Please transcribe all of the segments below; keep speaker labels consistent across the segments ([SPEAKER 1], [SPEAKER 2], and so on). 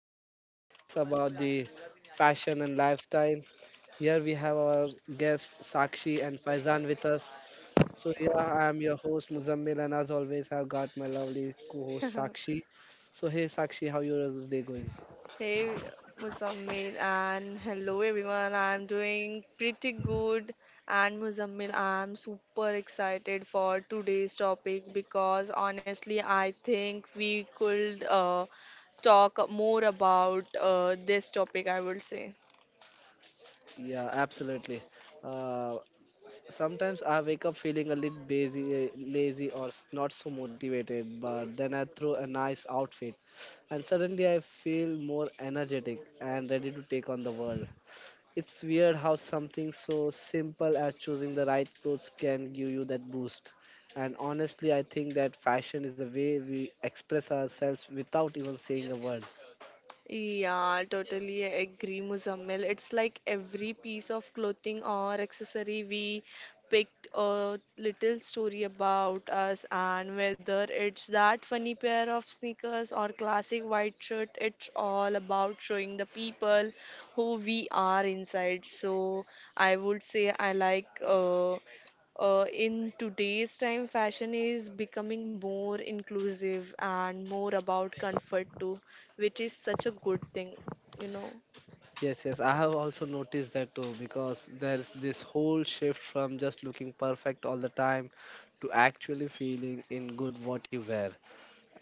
[SPEAKER 1] the little talks about the fashion and lifestyle. Here we have our guests Sakshi and Faizan with us. So, yeah, I am your host Muzammil, and as always, I've got my lovely co host Sakshi. So, hey Sakshi, how your day going?
[SPEAKER 2] Hey Muzammil and hello everyone. I'm doing pretty good and Muzammil, I'm super excited for today's topic because honestly, I think we could talk more about this topic, I would say.
[SPEAKER 1] Yeah, absolutely. Uh, Sometimes I wake up feeling a little busy, lazy or not so motivated, but then I throw a nice outfit and suddenly I feel more energetic and ready to take on the world. It's weird how something so simple as choosing the right clothes can give you that boost. And honestly, I think that fashion is a way we express ourselves without even saying a word.
[SPEAKER 2] Yeah, totally agree, Muzammil. It's like every piece of clothing or accessory we picked a little story about us, and whether it's that funny pair of sneakers or classic white shirt, it's all about showing the people who we are inside. So I would say I like in today's time, fashion is becoming more inclusive and more about comfort too, which is such a good thing, you know.
[SPEAKER 1] Yes, yes, I have also noticed that too because there's this whole shift from just looking perfect all the time to actually feeling in good what you wear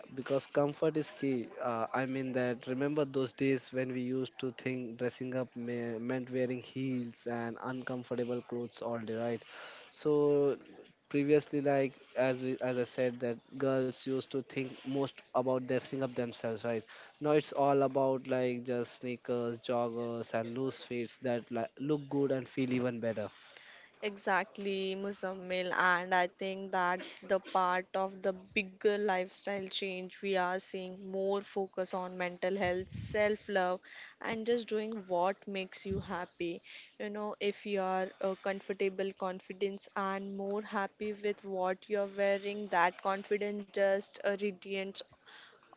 [SPEAKER 1] because comfort is key. I mean that remember those days when we used to think dressing up me meant wearing heels and uncomfortable clothes all day, right? So previously, like as I said, that girls used to think most about dressing up themselves, right? Now it's all about like just sneakers, joggers, and loose fits that like, look good and feel even better.
[SPEAKER 2] Exactly, Muzammil, and I think that's the part of the bigger lifestyle change we are seeing more focus on mental health, self love, and just doing what makes you happy. You know, if you are comfortable, confidence, and more happy with what you're wearing, that confidence just radiates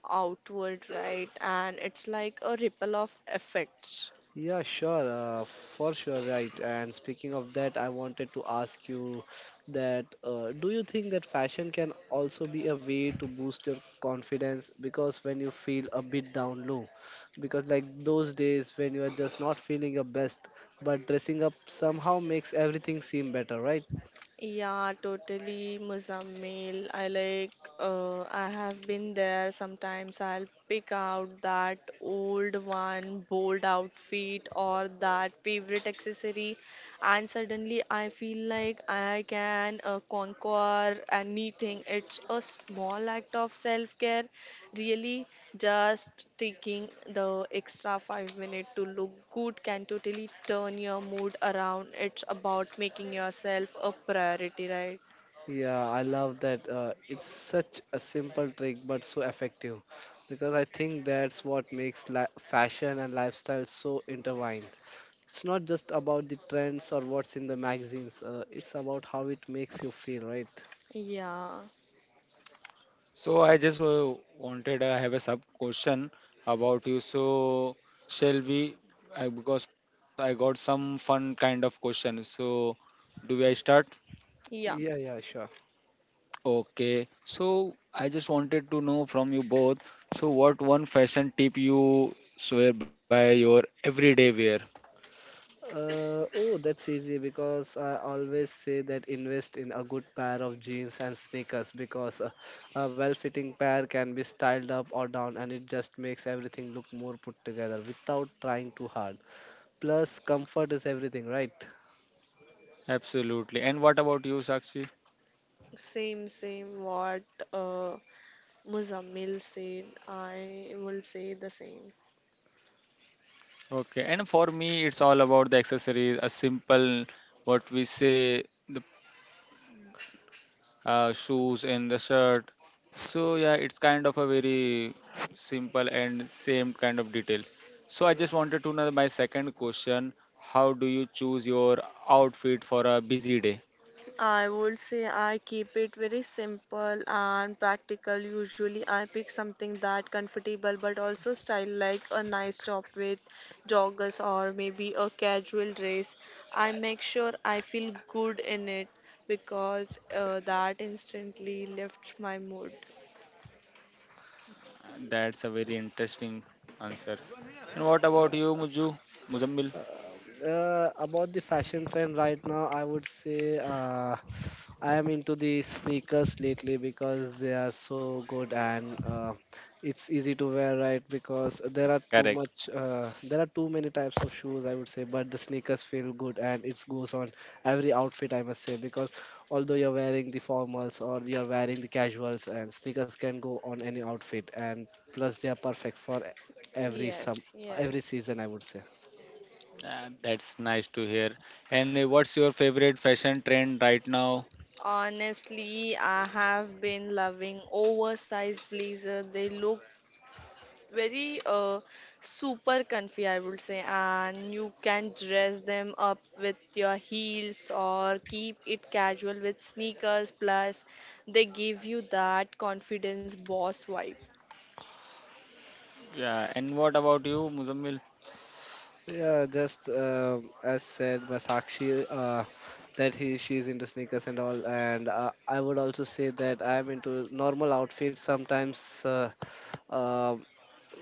[SPEAKER 2] outward, right? And it's like a ripple of effects.
[SPEAKER 1] Yeah, sure, for sure, right. And speaking of that, I wanted to ask you that do you think that fashion can also be a way to boost your confidence? Because when you feel a bit down low, because like those days when you are just not feeling your best, but dressing up somehow makes everything seem better, right?
[SPEAKER 2] Yeah, totally, Muzammil. I like, I have been there. Sometimes I'll pick out that old one, bold outfit, or that favorite accessory, and suddenly I feel like I can conquer anything. It's a small act of self-care. Really, just taking the extra 5 minutes to look good can totally turn your mood around. It's about making yourself a priority, right?
[SPEAKER 1] Yeah, I love that. It's such a simple trick, but so effective. Because I think that's what makes li fashion and lifestyle so intertwined. It's not just about the trends or what's in the magazines. It's about how it makes you feel, right?
[SPEAKER 2] Yeah,
[SPEAKER 3] So I just wanted I have a sub question about you. So shall we? I, because I got some fun kind of question. So do I start?
[SPEAKER 2] yeah,
[SPEAKER 1] Yeah, yeah, sure.
[SPEAKER 3] Okay. So I just wanted to know from you both. So what one fashion tip you swear by your everyday wear?
[SPEAKER 1] Oh, that's easy because I always say that invest in a good pair of jeans and sneakers because a well-fitting pair can be styled up or down and it just makes everything look more put together without trying too hard. Plus, comfort is everything, right?
[SPEAKER 3] Absolutely. And what about you, Sakshi?
[SPEAKER 2] same, same. What uh, Muzammil said, I will say the same.
[SPEAKER 3] Okay. And for me, it's all about the accessories. A simple, what we say. The shoes and the shirt. So yeah, it's kind of a very simple and same kind of detail. So I just wanted to know my second question: How do you choose your outfit for a busy day?
[SPEAKER 2] I would say I keep it very simple and practical. Usually, I pick something that comfortable but also style like a nice top with joggers or maybe a casual dress. I make sure I feel good in it because that instantly lifts my mood.
[SPEAKER 3] That's a very interesting answer. And what about you, Muju? Muzammil?
[SPEAKER 1] Um, about the fashion trend right now, I would say I am into the sneakers lately because they are so good, and it's easy to wear, right? Because there are too
[SPEAKER 3] Correct.
[SPEAKER 1] much, there are too many types of shoes, I would say, but the sneakers feel good and it goes on every outfit, I must say, because although you're wearing the formals or you're wearing the casuals, and sneakers can go on any outfit, and plus they are perfect for every some
[SPEAKER 2] Yes,
[SPEAKER 1] every season, I would say.
[SPEAKER 2] yes.
[SPEAKER 3] That's nice to hear. And what's your favorite fashion trend right now?
[SPEAKER 2] Honestly, I have been loving oversized blazer. They look very super comfy, I would say, and you can dress them up with your heels or keep it casual with sneakers. Plus, they give you that confidence boss vibe.
[SPEAKER 3] Yeah. And what about you, Muzammil?
[SPEAKER 1] Yeah, just as said by Sakshi, that he she's into sneakers and all, and I would also say that I'm into normal outfits, sometimes uh,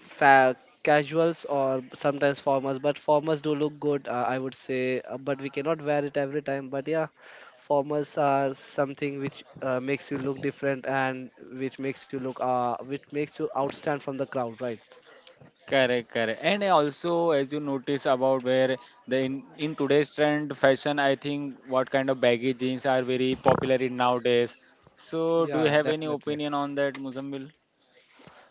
[SPEAKER 1] fa- casuals or sometimes formals. But formals do look good, I would say, but we cannot wear it every time. But yeah, formals are something which makes you look different and which makes you look which makes you outstand from the crowd, right?
[SPEAKER 3] Correct, correct. And also, as you notice about where in today's trend fashion, I think what kind of baggy jeans are very popular in nowadays. So, do you
[SPEAKER 1] Yeah,
[SPEAKER 3] have any
[SPEAKER 1] definitely.
[SPEAKER 3] opinion on that, Muzambil?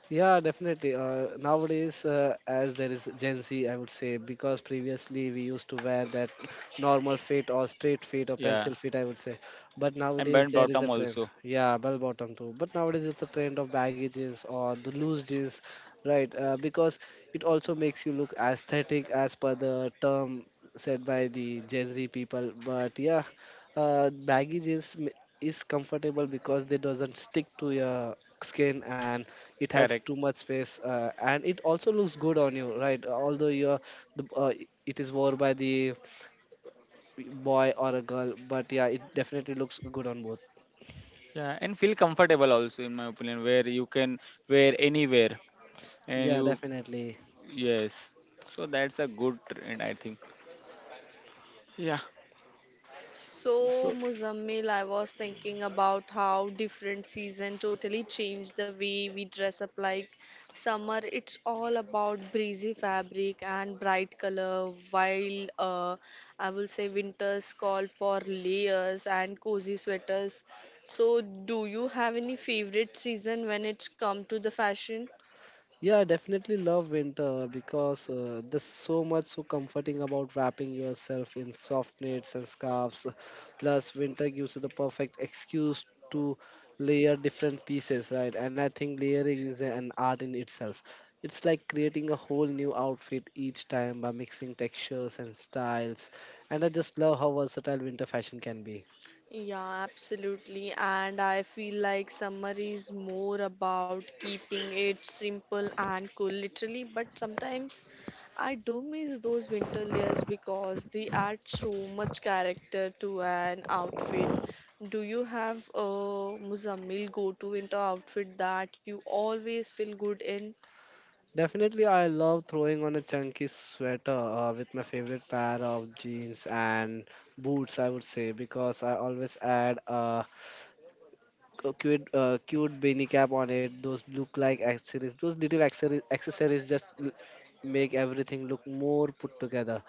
[SPEAKER 1] Yeah, definitely. Nowadays, as there is Gen Z, I would say, because previously we used to wear that normal fit or straight fit or
[SPEAKER 3] Yeah,
[SPEAKER 1] pencil fit, I would say. But
[SPEAKER 3] and
[SPEAKER 1] nowadays
[SPEAKER 3] band
[SPEAKER 1] there is
[SPEAKER 3] bottom
[SPEAKER 1] a trend.
[SPEAKER 3] also.
[SPEAKER 1] Yeah, bell bottom too. But nowadays it's a trend of baggy jeans or the loose jeans, right? Because it also makes you look aesthetic as per the term said by the Gen Z people. But yeah, baggy jeans is comfortable because they doesn't stick to your skin and it has
[SPEAKER 3] Correct.
[SPEAKER 1] too much space, and it also looks good on you, right? Although you're the, it is worn by the boy or a girl, but yeah, it definitely looks good on both.
[SPEAKER 3] Yeah, and feel comfortable also, in my opinion, where you can wear anywhere and
[SPEAKER 1] Yeah,
[SPEAKER 3] you
[SPEAKER 1] definitely.
[SPEAKER 3] yes. So that's a good trend, I think. Yeah.
[SPEAKER 2] So,
[SPEAKER 1] So
[SPEAKER 2] Muzammil, I was thinking about how different season totally changed the way we dress up. Like summer, it's all about breezy fabric and bright color, while I will say winters call for layers and cozy sweaters. So, do you have any favorite season when it's come to the fashion?
[SPEAKER 1] yeah, I definitely love winter because there's so much so comforting about wrapping yourself in soft knits and scarves. Plus, winter gives you the perfect excuse to layer different pieces, right? And I think layering is an art in itself. It's like creating a whole new outfit each time by mixing textures and styles. And I just love how versatile winter fashion can be.
[SPEAKER 2] Yeah, absolutely. And I feel like summer is more about keeping it simple and cool, literally. But sometimes I do miss those winter layers because they add so much character to an outfit. Do you have a Muzammil go to winter outfit that you always feel good in?
[SPEAKER 1] Definitely, I love throwing on a chunky sweater with my favorite pair of jeans and boots, I would say, because I always add a cute beanie cap on it. Those look like accessories. Those little accessories just make everything look more put together.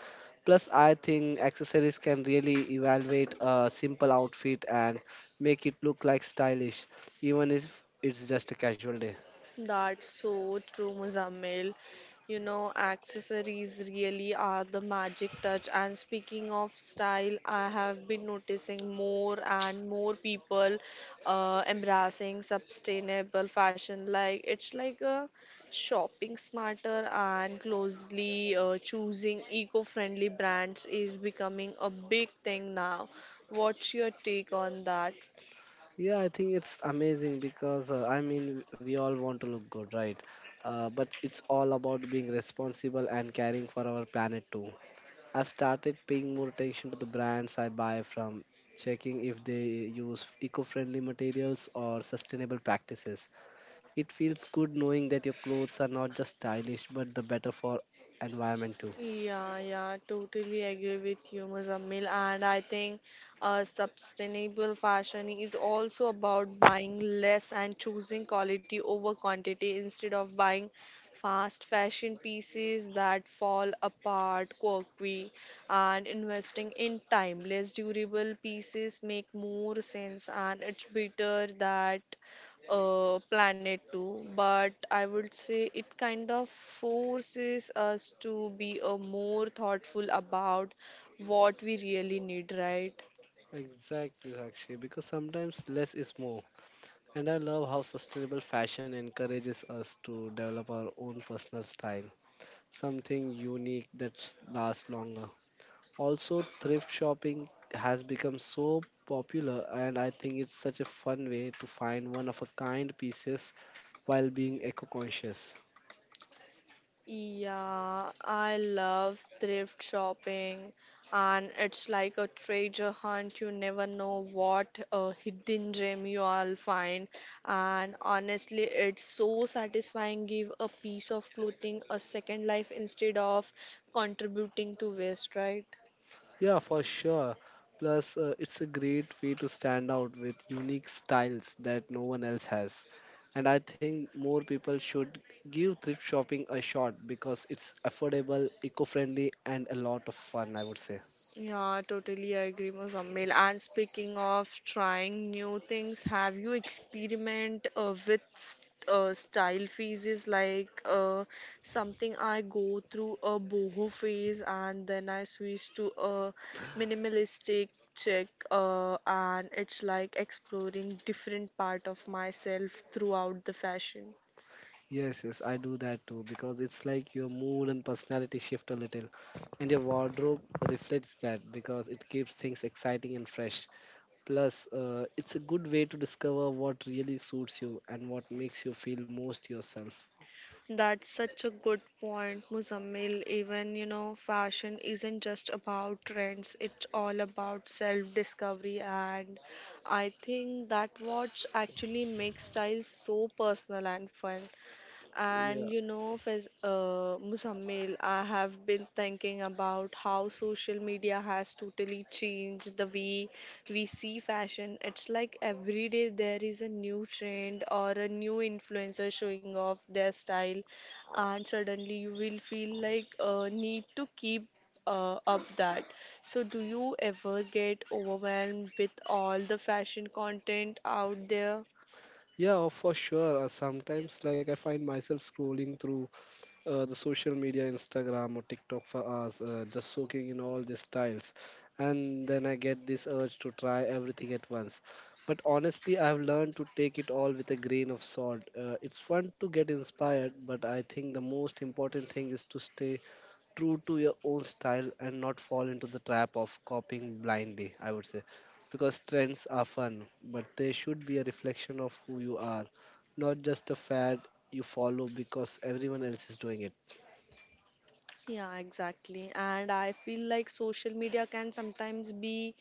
[SPEAKER 1] Plus, I think accessories can really evaluate a simple outfit and make it look like stylish, even if it's just a casual day.
[SPEAKER 2] That's so true, Muzammil. You know, accessories really are the magic touch. And speaking of style, I have been noticing more and more people embracing sustainable fashion. Like it's like a shopping smarter and closely choosing eco-friendly brands is becoming a big thing now. What's your take on that?
[SPEAKER 1] Yeah, I think it's amazing because I mean, we all want to look good, right? But it's all about being responsible and caring for our planet too. I've started paying more attention to the brands I buy from, checking if they use eco friendly materials or sustainable practices. It feels good knowing that your clothes are not just stylish but the better for environment too.
[SPEAKER 2] Yeah, yeah, totally agree with you, Muzammil. And I think sustainable fashion is also about buying less and choosing quality over quantity instead of buying fast fashion pieces that fall apart quickly and investing in timeless, durable pieces make more sense and it's better that planet too, but I would say it kind of forces us to be more thoughtful about what we really need, right?
[SPEAKER 1] Exactly, Sakshi, because sometimes less is more. And I love how sustainable fashion encourages us to develop our own personal style, something unique that lasts longer. Also, thrift shopping has become so popular, and I think it's such a fun way to find one of a kind pieces while being eco conscious.
[SPEAKER 2] Yeah, I love thrift shopping, and it's like a treasure hunt. You never know what a hidden gem you will find, and honestly, it's so satisfying. Give a piece of clothing a second life instead of contributing to waste, right?
[SPEAKER 1] Yeah, for sure. Plus, it's a great way to stand out with unique styles that no one else has. And I think more people should give thrift shopping a shot because it's affordable, eco friendly, and a lot of fun, I would say.
[SPEAKER 2] Yeah, totally I agree, Muzammil. And speaking of trying new things, have you experiment with style phases like something I go through a boho phase and then I switch to a minimalistic check and it's like exploring different part of myself throughout the fashion.
[SPEAKER 1] Yes, yes, I do that too because it's like your mood and personality shift a little, and your wardrobe reflects that because it keeps things exciting and fresh. Plus, it's a good way to discover what really suits you and what makes you feel most yourself.
[SPEAKER 2] That's such a good point, Muzammil. Even, you know, fashion isn't just about trends, it's all about self discovery. And I think that what actually makes style so personal and fun.
[SPEAKER 1] Yeah,
[SPEAKER 2] And you know, Muzammil, I have been thinking about how social media has totally changed the way we see fashion. It's like every day there is a new trend or a new influencer showing off their style, and suddenly you will feel like need to keep up that. So, do you ever get overwhelmed with all the fashion content out there?
[SPEAKER 1] yeah, oh, for sure. Sometimes, like, I find myself scrolling through the social media, Instagram or TikTok for hours, just soaking in all these styles. And then I get this urge to try everything at once. But honestly, I've learned to take it all with a grain of salt. It's fun to get inspired, but I think the most important thing is to stay true to your own style and not fall into the trap of copying blindly, I would say. Because trends are fun, but they should be a reflection of who you are, not just a fad you follow because everyone else is doing it.
[SPEAKER 2] Yeah, exactly. And I feel like social media can sometimes be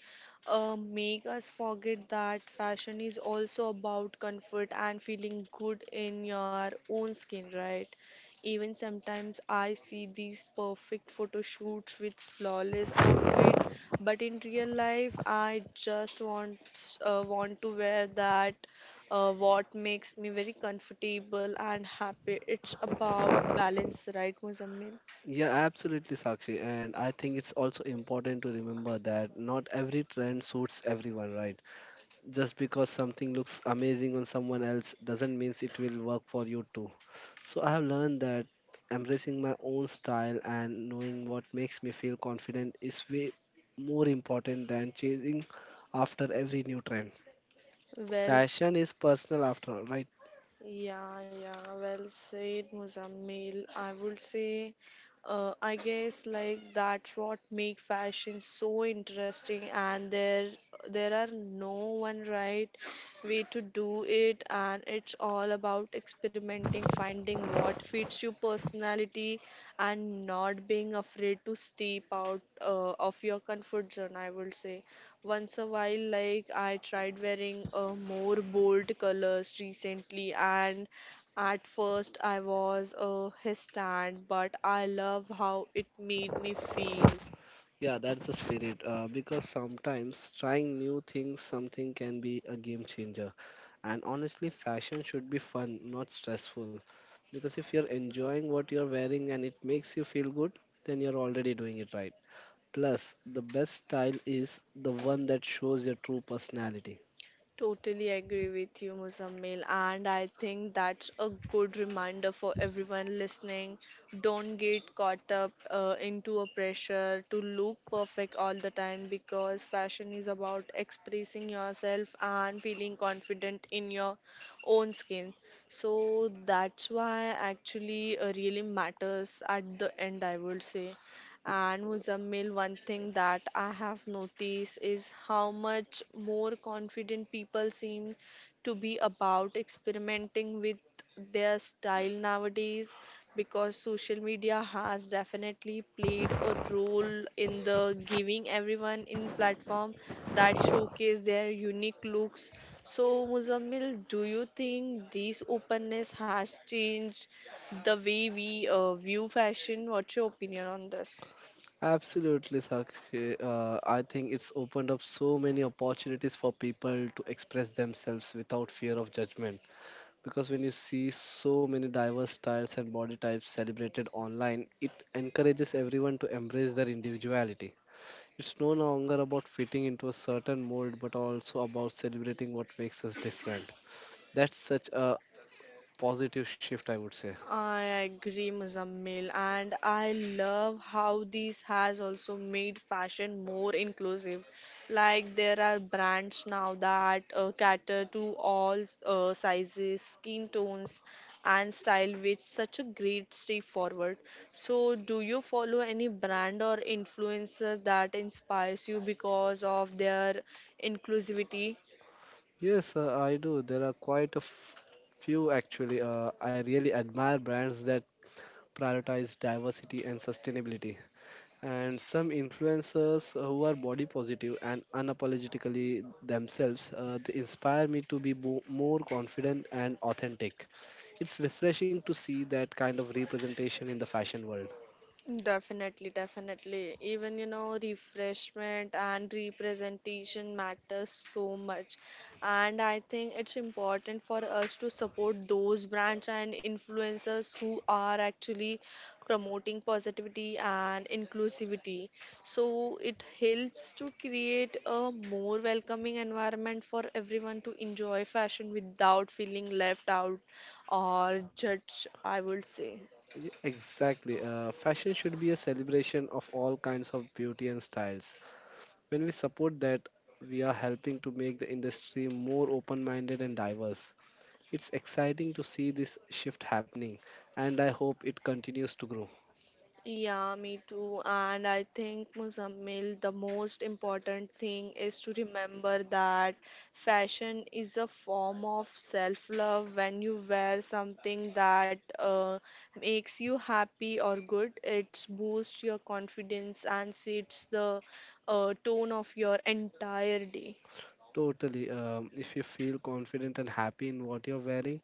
[SPEAKER 2] make us forget that fashion is also about comfort and feeling good in your own skin, right? Even sometimes I see these perfect photo shoots with flawless outfit, but in real life I just want to wear that what makes me very comfortable and happy. It's about balance, right, Muzammil?
[SPEAKER 1] Yeah, absolutely, Sakshi. And I think it's also important to remember that not every trend suits everyone, right? Just because something looks amazing on someone else doesn't mean it will work for you too. So I have learned that embracing my own style and knowing what makes me feel confident is way more important than chasing after every new trend.
[SPEAKER 2] Well,
[SPEAKER 1] Fashion
[SPEAKER 2] s-
[SPEAKER 1] is personal after all, right?
[SPEAKER 2] yeah, yeah, well said, Muzammil. I would say, I guess like that's what make fashion so interesting, and there are no one right way to do it, and it's all about experimenting, finding what fits your personality, and not being afraid to step out of your comfort zone. I would say. Once a while, like I tried wearing more bold colors recently, and at first I was hesitant, but I love how it made me feel.
[SPEAKER 1] Yeah, that's the spirit. Because sometimes trying new things, something can be a game changer. And honestly, fashion should be fun, not stressful. Because if you're enjoying what you're wearing and it makes you feel good, then you're already doing it right. Plus, the best style is the one that shows your true personality.
[SPEAKER 2] Totally agree with you, Muzammil, and I think that's a good reminder for everyone listening. Don't get caught up into a pressure to look perfect all the time because fashion is about expressing yourself and feeling confident in your own skin. So that's why actually really matters at the end, I would say. And Muzammil, one thing that I have noticed is how much more confident people seem to be about experimenting with their style nowadays because social media has definitely played a role in the giving everyone in platform that showcase their unique looks. So Muzammil, do you think this openness has changed the way we view fashion? What's your opinion on this?
[SPEAKER 1] Absolutely, Sakshi. I think it's opened up so many opportunities for people to express themselves without fear of judgment. Because when you see so many diverse styles and body types celebrated online, it encourages everyone to embrace their individuality. It's no longer about fitting into a certain mold, but also about celebrating what makes us different. That's such a positive shift, I would say.
[SPEAKER 2] I agree, Muzammil, and I love how this has also made fashion more inclusive. Like there are brands now that cater to all sizes, skin tones, and style, which such a great step forward. So, do you follow any brand or influencer that inspires you because of their inclusivity?
[SPEAKER 1] Yes, I do. There are quite a few actually. I really admire brands that prioritize diversity and sustainability, and some influencers who are body positive and unapologetically themselves. They inspire me to be more confident and authentic. It's refreshing to see that kind of representation in the fashion world.
[SPEAKER 2] Definitely, definitely. Even, you know, refreshment and representation matters so much. And I think it's important for us to support those brands and influencers who are actually promoting positivity and inclusivity. So it helps to create a more welcoming environment for everyone to enjoy fashion without feeling left out or judged, I would say.
[SPEAKER 1] Exactly, fashion should be a celebration of all kinds of beauty and styles. When we support that, we are helping to make the industry more open-minded and diverse. It's exciting to see this shift happening, and I hope it continues to grow.
[SPEAKER 2] Yeah, me too. And I think, Muzammil, the most important thing is to remember that fashion is a form of self-love. When you wear something that makes you happy or good, it boosts your confidence and sets the tone of your entire day.
[SPEAKER 1] Totally. If you feel confident and happy in what you're wearing,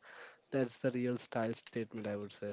[SPEAKER 1] that's the real style statement, I would say.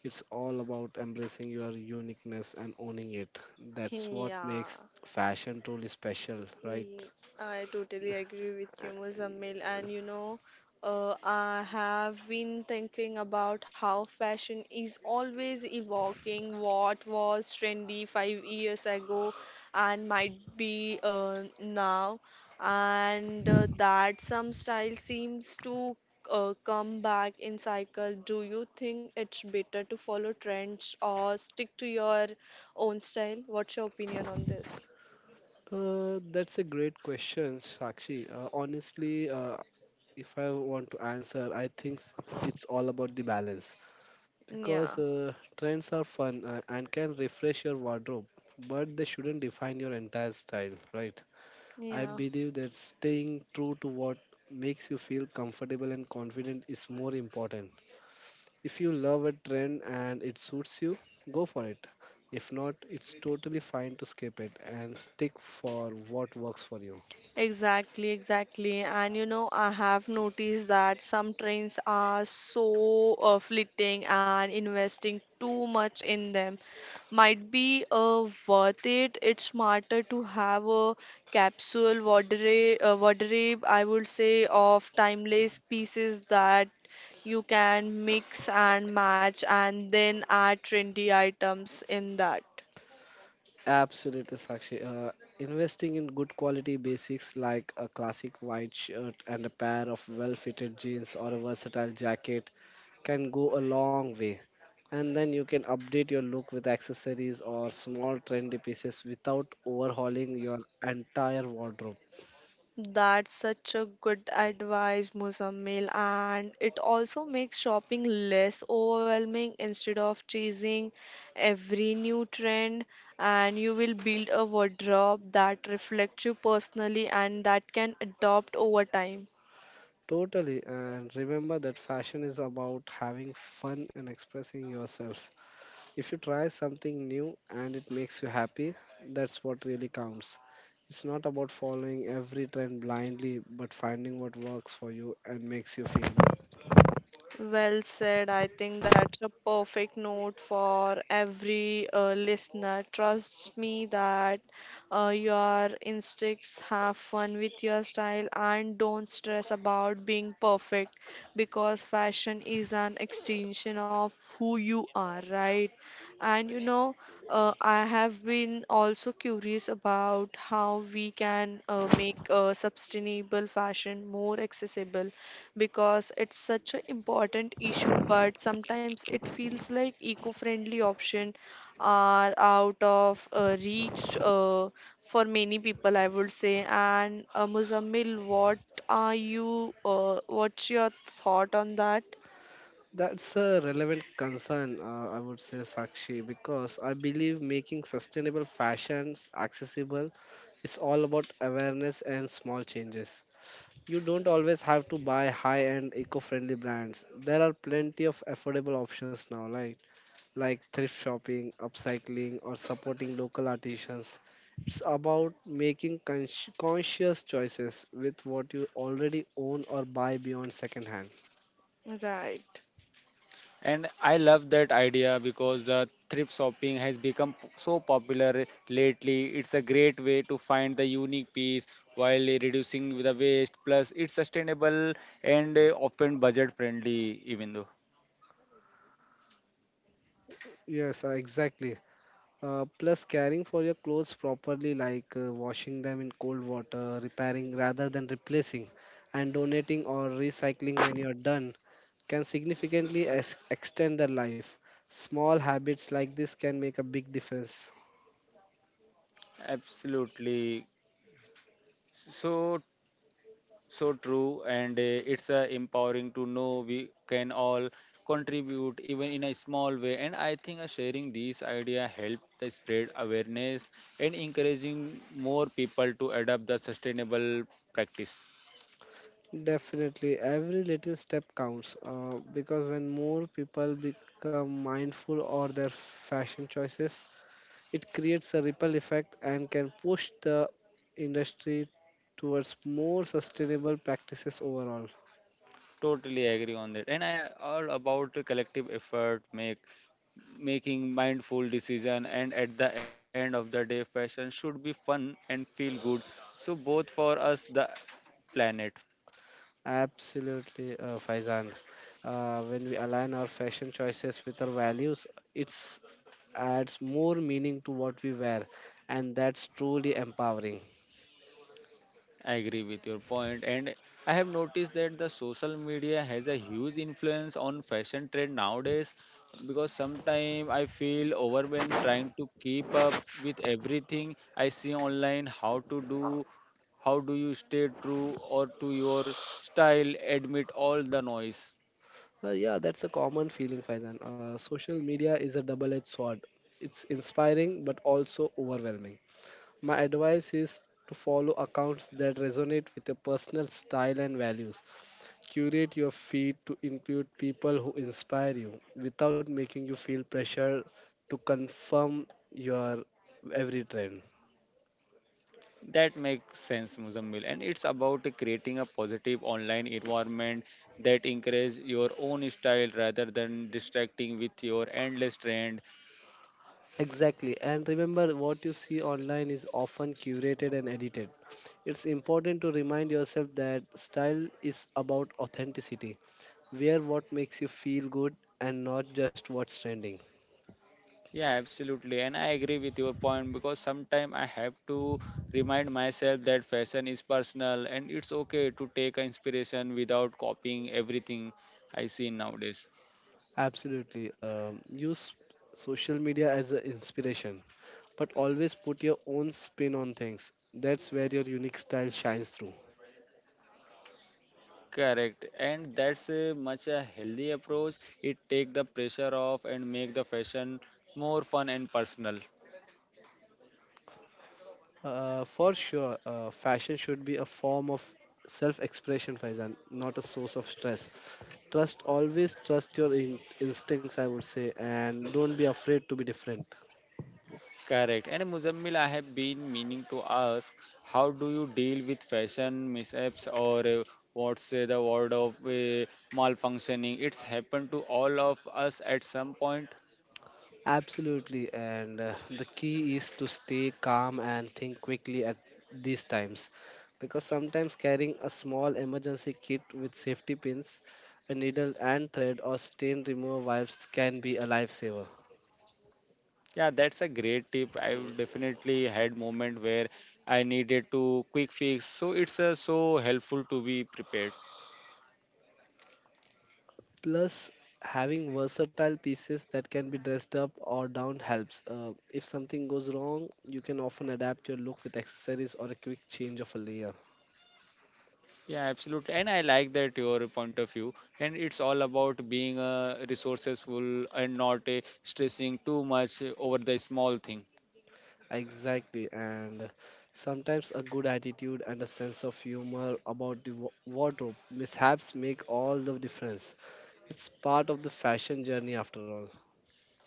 [SPEAKER 1] It's all about embracing your uniqueness and owning it. That's what
[SPEAKER 2] Yeah.
[SPEAKER 1] makes fashion truly special, right?
[SPEAKER 2] Ye- I totally agree with you, Muzammil. And you know, I have been thinking about how fashion is always evoking what was trendy 5 years ago and might be now, and that some style seems to come back in cycle. Do you think it's better to follow trends or stick to your own style? What's your opinion on this?
[SPEAKER 1] That's a great question, Sakshi. Honestly, if I want to answer, I think it's all about the balance because
[SPEAKER 2] Yeah,
[SPEAKER 1] trends are fun, and can refresh your wardrobe, but they shouldn't define your entire style, right? I
[SPEAKER 2] yeah.
[SPEAKER 1] believe that staying true to what makes you feel comfortable and confident is more important. If you love a trend and it suits you, go for it. If not, it's totally fine to skip it and stick for what works for you.
[SPEAKER 2] Exactly, exactly. And you know, I have noticed that some trains are so fleeting and investing too much in them might be worth it. It's smarter to have a wardrobe, I would say, of timeless pieces that you can mix and match and then add trendy items in that.
[SPEAKER 1] Absolutely, Sakshi. Investing in good quality basics like a classic white shirt and a pair of well fitted jeans or a versatile jacket can go a long way. And then you can update your look with accessories or small trendy pieces without overhauling your entire wardrobe.
[SPEAKER 2] That's such a good advice, Muzammil, and it also makes shopping less overwhelming instead of chasing every new trend. And you will build a wardrobe that reflects you personally and that can adopt over time.
[SPEAKER 1] Totally. And remember that fashion is about having fun and expressing yourself. If you try something new and it makes you happy, that's what really counts. It's not about following every trend blindly, but finding what works for you and makes you feel.
[SPEAKER 2] Well said. I think that's a perfect note for every listener. Trust me that your instincts have fun with your style and don't stress about being perfect because fashion is an extension of who you are, right? And you know, I have been also curious about how we can make sustainable fashion more accessible because it's such an important issue but sometimes it feels like eco-friendly options are out of reach for many people I would say and Muzammil what are you what's your thought on that?
[SPEAKER 1] That's a relevant concern, I would say, Sakshi, because I believe making sustainable fashions accessible is all about awareness and small changes. You don't always have to buy high-end eco-friendly brands. There are plenty of affordable options now, like thrift shopping, upcycling, or supporting local artisans. It's about making conscious choices with what you already own or buy beyond secondhand.
[SPEAKER 2] Right.
[SPEAKER 3] And I love that idea because the thrift shopping has become so popular lately. It's a great way to find the unique piece while reducing the waste. Plus, it's sustainable and often budget friendly, even though.
[SPEAKER 1] Yes, exactly. Plus, caring for your clothes properly, like washing them in cold water, repairing rather than replacing, and donating or recycling when you're done, can significantly extend their life. Small habits like this can make a big difference.
[SPEAKER 3] Absolutely. So So true, and it's empowering to know we can all contribute even in a small way. And I think sharing these idea help the spread awareness and encouraging more people to adopt the sustainable practice.
[SPEAKER 1] Definitely, every little step counts because when more people become mindful of their fashion choices, it creates a ripple effect and can push the industry towards more sustainable practices overall.
[SPEAKER 3] Totally agree on that. And I all about the collective effort, make making mindful decision, and at the end of the day, fashion should be fun and feel good. So both for us, the planet.
[SPEAKER 1] Absolutely, Faizan. When we align our fashion choices with our values, it adds more meaning to what we wear, and that's truly empowering.
[SPEAKER 3] I agree with your point, and I have noticed that the social media has a huge influence on fashion trend nowadays because sometimes I feel overwhelmed trying to keep up with everything I see online, how to do, how do you stay true or to your style, Admit all the noise.
[SPEAKER 1] Yeah, that's a common feeling, Faizan. Social media is a double-edged sword. It's inspiring but also overwhelming. My advice is to follow accounts that resonate with your personal style and values. Curate your feed to include people who inspire you without making you feel pressure to confirm your every trend.
[SPEAKER 3] That makes sense, Muzammil. And it's about creating a positive online environment that encourages your own style rather than distracting with your endless trend.
[SPEAKER 1] Exactly, and remember what you see online is often curated and edited. It's important to remind yourself that style is about authenticity. Wear what makes you feel good and not just what's trending.
[SPEAKER 3] Yeah, absolutely. And I agree with your point because sometimes I have to remind myself that fashion is personal and it's okay to take inspiration without copying everything I see nowadays.
[SPEAKER 1] Absolutely. Use social media as an inspiration, but always put your own spin on things. That's where your unique style shines through.
[SPEAKER 3] Correct, and that's a much a healthy approach. It take the pressure off and make the fashion more fun and personal.
[SPEAKER 1] For sure, fashion should be a form of self expression, Faizan, not a source of stress. Trust always trust your instincts, I would say, and don't be afraid to be different.
[SPEAKER 3] Correct. And Muzammil, I have been meaning to ask, how do you deal with fashion mishaps or what's the word of malfunctioning? It's happened to all of us at some point.
[SPEAKER 1] Absolutely, and the key is to stay calm and think quickly at these times because sometimes carrying a small emergency kit with safety pins, a needle and thread, or stain remover wipes can be a lifesaver.
[SPEAKER 3] Yeah, that's a great tip. I will definitely had moment where I needed to quick fix. So it's so helpful to be prepared.
[SPEAKER 1] Plus, having versatile pieces that can be dressed up or down helps. If something goes wrong, you can often adapt your look with accessories or a quick change of a layer.
[SPEAKER 3] Yeah, absolutely. And I like that your point of view. And it's all about being resourceful and not stressing too much over the small thing.
[SPEAKER 1] Exactly, and sometimes a good attitude and a sense of humor about the wardrobe mishaps make all the difference. It's part of the fashion journey after all.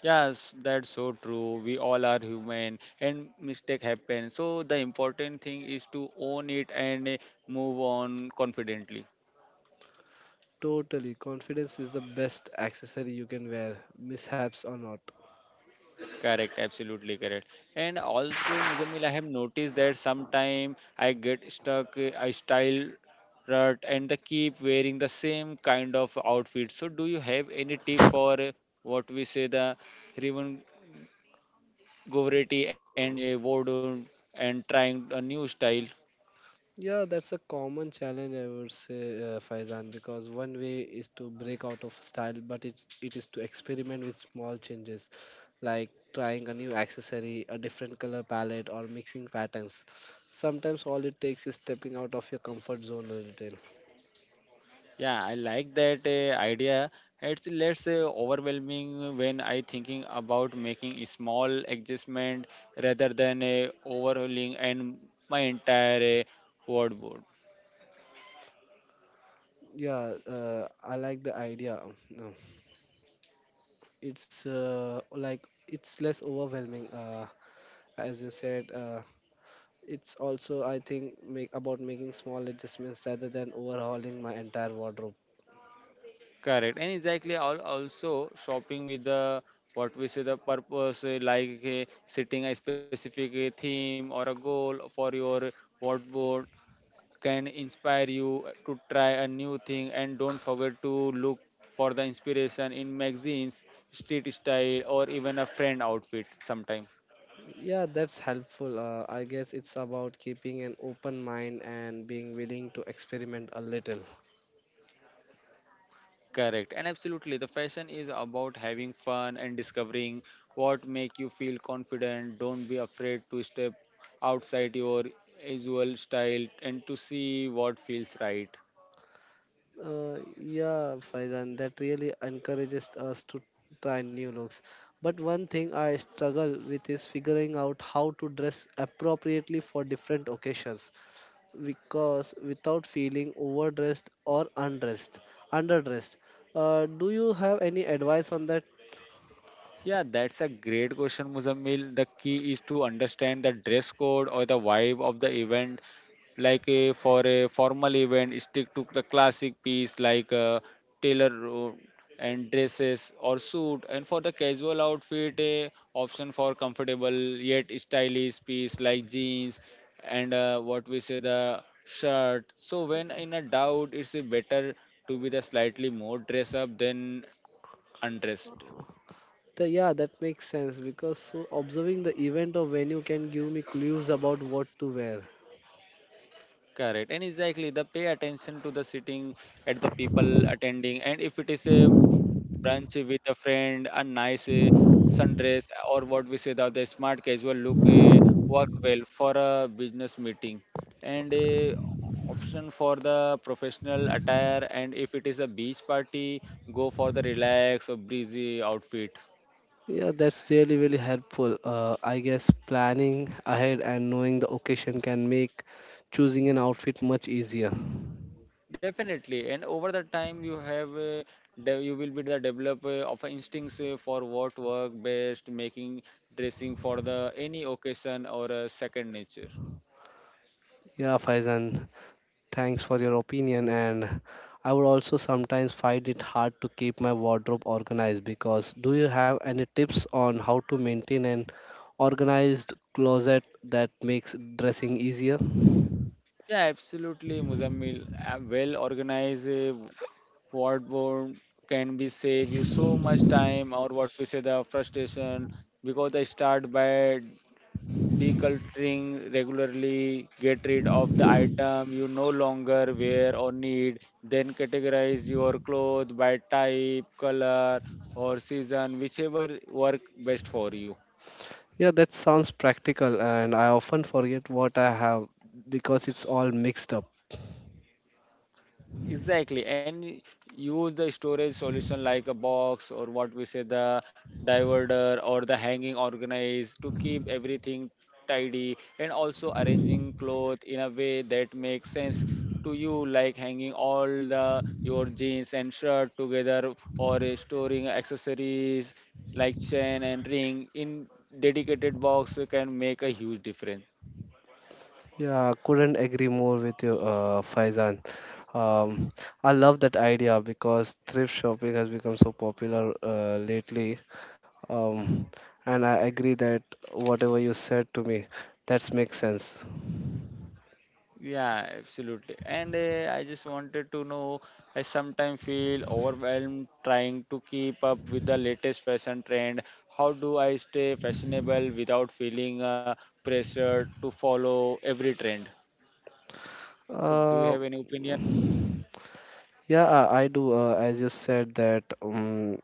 [SPEAKER 3] Yes, that's so true. We all are human and mistake happen. So the important thing is to own it and move on confidently.
[SPEAKER 1] Totally, confidence is the best accessory you can wear, mishaps or not.
[SPEAKER 3] Correct, absolutely correct. And also, Muzamil, I have noticed that sometime I get stuck, I style rut and they keep wearing the same kind of outfit. So, do you have any tip for what we say the Rivan Govretti and a Vodun and trying a new style?
[SPEAKER 1] Yeah, that's a common challenge, I would say, Faizan, because one way is to break out of style, but it is to experiment with small changes, like trying a new accessory, a different color palette, or mixing patterns. Sometimes all it takes is stepping out of your comfort zone a little.
[SPEAKER 3] Yeah, I like that idea. It's less overwhelming when I thinking about making a small adjustment rather than a overhauling and my entire wardrobe.
[SPEAKER 1] Yeah, I like the idea. No, it's like it's less overwhelming, as you said. It's also, I think, make about making small adjustments rather than overhauling my entire wardrobe.
[SPEAKER 3] Correct. And exactly all also shopping with the what we say the purpose like setting a specific theme or a goal for your wardrobe can inspire you to try a new thing and don't forget to look for the inspiration in magazines street style or even a friend outfit sometime
[SPEAKER 1] Yeah, that's helpful. I guess it's about keeping an open mind and being willing to experiment a little.
[SPEAKER 3] correct and absolutely the fashion is about having fun and discovering what make you feel confident don't be afraid to step outside your usual style and to see what feels right.
[SPEAKER 1] Yeah, Faizan, that really encourages us to try new looks. But one thing I struggle with is figuring out how to dress appropriately for different occasions, because without feeling overdressed or underdressed. Do you have any advice on that?
[SPEAKER 3] Yeah, that's a great question, Muzammil. The key is to understand the dress code or the vibe of the event. Like a, for a formal event, stick to the classic piece like a tailor ro- and dresses or suit. And for the casual outfit, a option for comfortable yet stylish piece like jeans and what we say the shirt. So when in a doubt, it's a better to be the slightly more dress up than undressed.
[SPEAKER 1] Yeah, that makes sense because so observing the event or venue can give me clues about what to wear.
[SPEAKER 3] Correct, and exactly the pay attention to the sitting at the people attending, and if it is a brunch with a friend, a nice sundress, or what we say the smart casual look work well for a business meeting, and option for the professional attire, and if it is a beach party, go for the relaxed or breezy outfit.
[SPEAKER 1] Yeah, that's really helpful. I guess planning ahead and knowing the occasion can make choosing an outfit much easier.
[SPEAKER 3] Definitely, and over the time you have you will be the developer of instincts for what work best, making dressing for the any occasion or a second nature.
[SPEAKER 1] Yeah, Faizan, thanks for your opinion. And I would also sometimes find it hard to keep my wardrobe organized because do you have any tips on how to maintain an organized closet that makes dressing easier?
[SPEAKER 3] Yeah, absolutely, Muzammil. A well organized wardrobe can be save you so much time or what we say the frustration because they start by Decluttering regularly, get rid of the item you no longer wear or need, then categorize your clothes by type, color, or season, whichever work best for you.
[SPEAKER 1] Yeah, that sounds practical, and I often forget what I have because it's all mixed up.
[SPEAKER 3] Exactly, and use the storage solution like a box or what we say the diverter or the hanging organized to keep everything tidy and also arranging cloth in a way that makes sense to you like hanging all the your jeans and shirt together or storing accessories like chain and ring in dedicated box can make a huge difference.
[SPEAKER 1] Yeah, couldn't agree more with you, Faizan. Um, I love that idea because thrift shopping has become so popular lately. Um, and I agree that whatever you said to me, that makes sense.
[SPEAKER 3] Yeah, absolutely. And I just wanted to know, I sometimes feel overwhelmed trying to keep up with the latest fashion trend. How do I stay fashionable without feeling pressured to follow every trend? So, do you have
[SPEAKER 1] Uh,
[SPEAKER 3] any opinion?
[SPEAKER 1] yeah, I do. As you said that,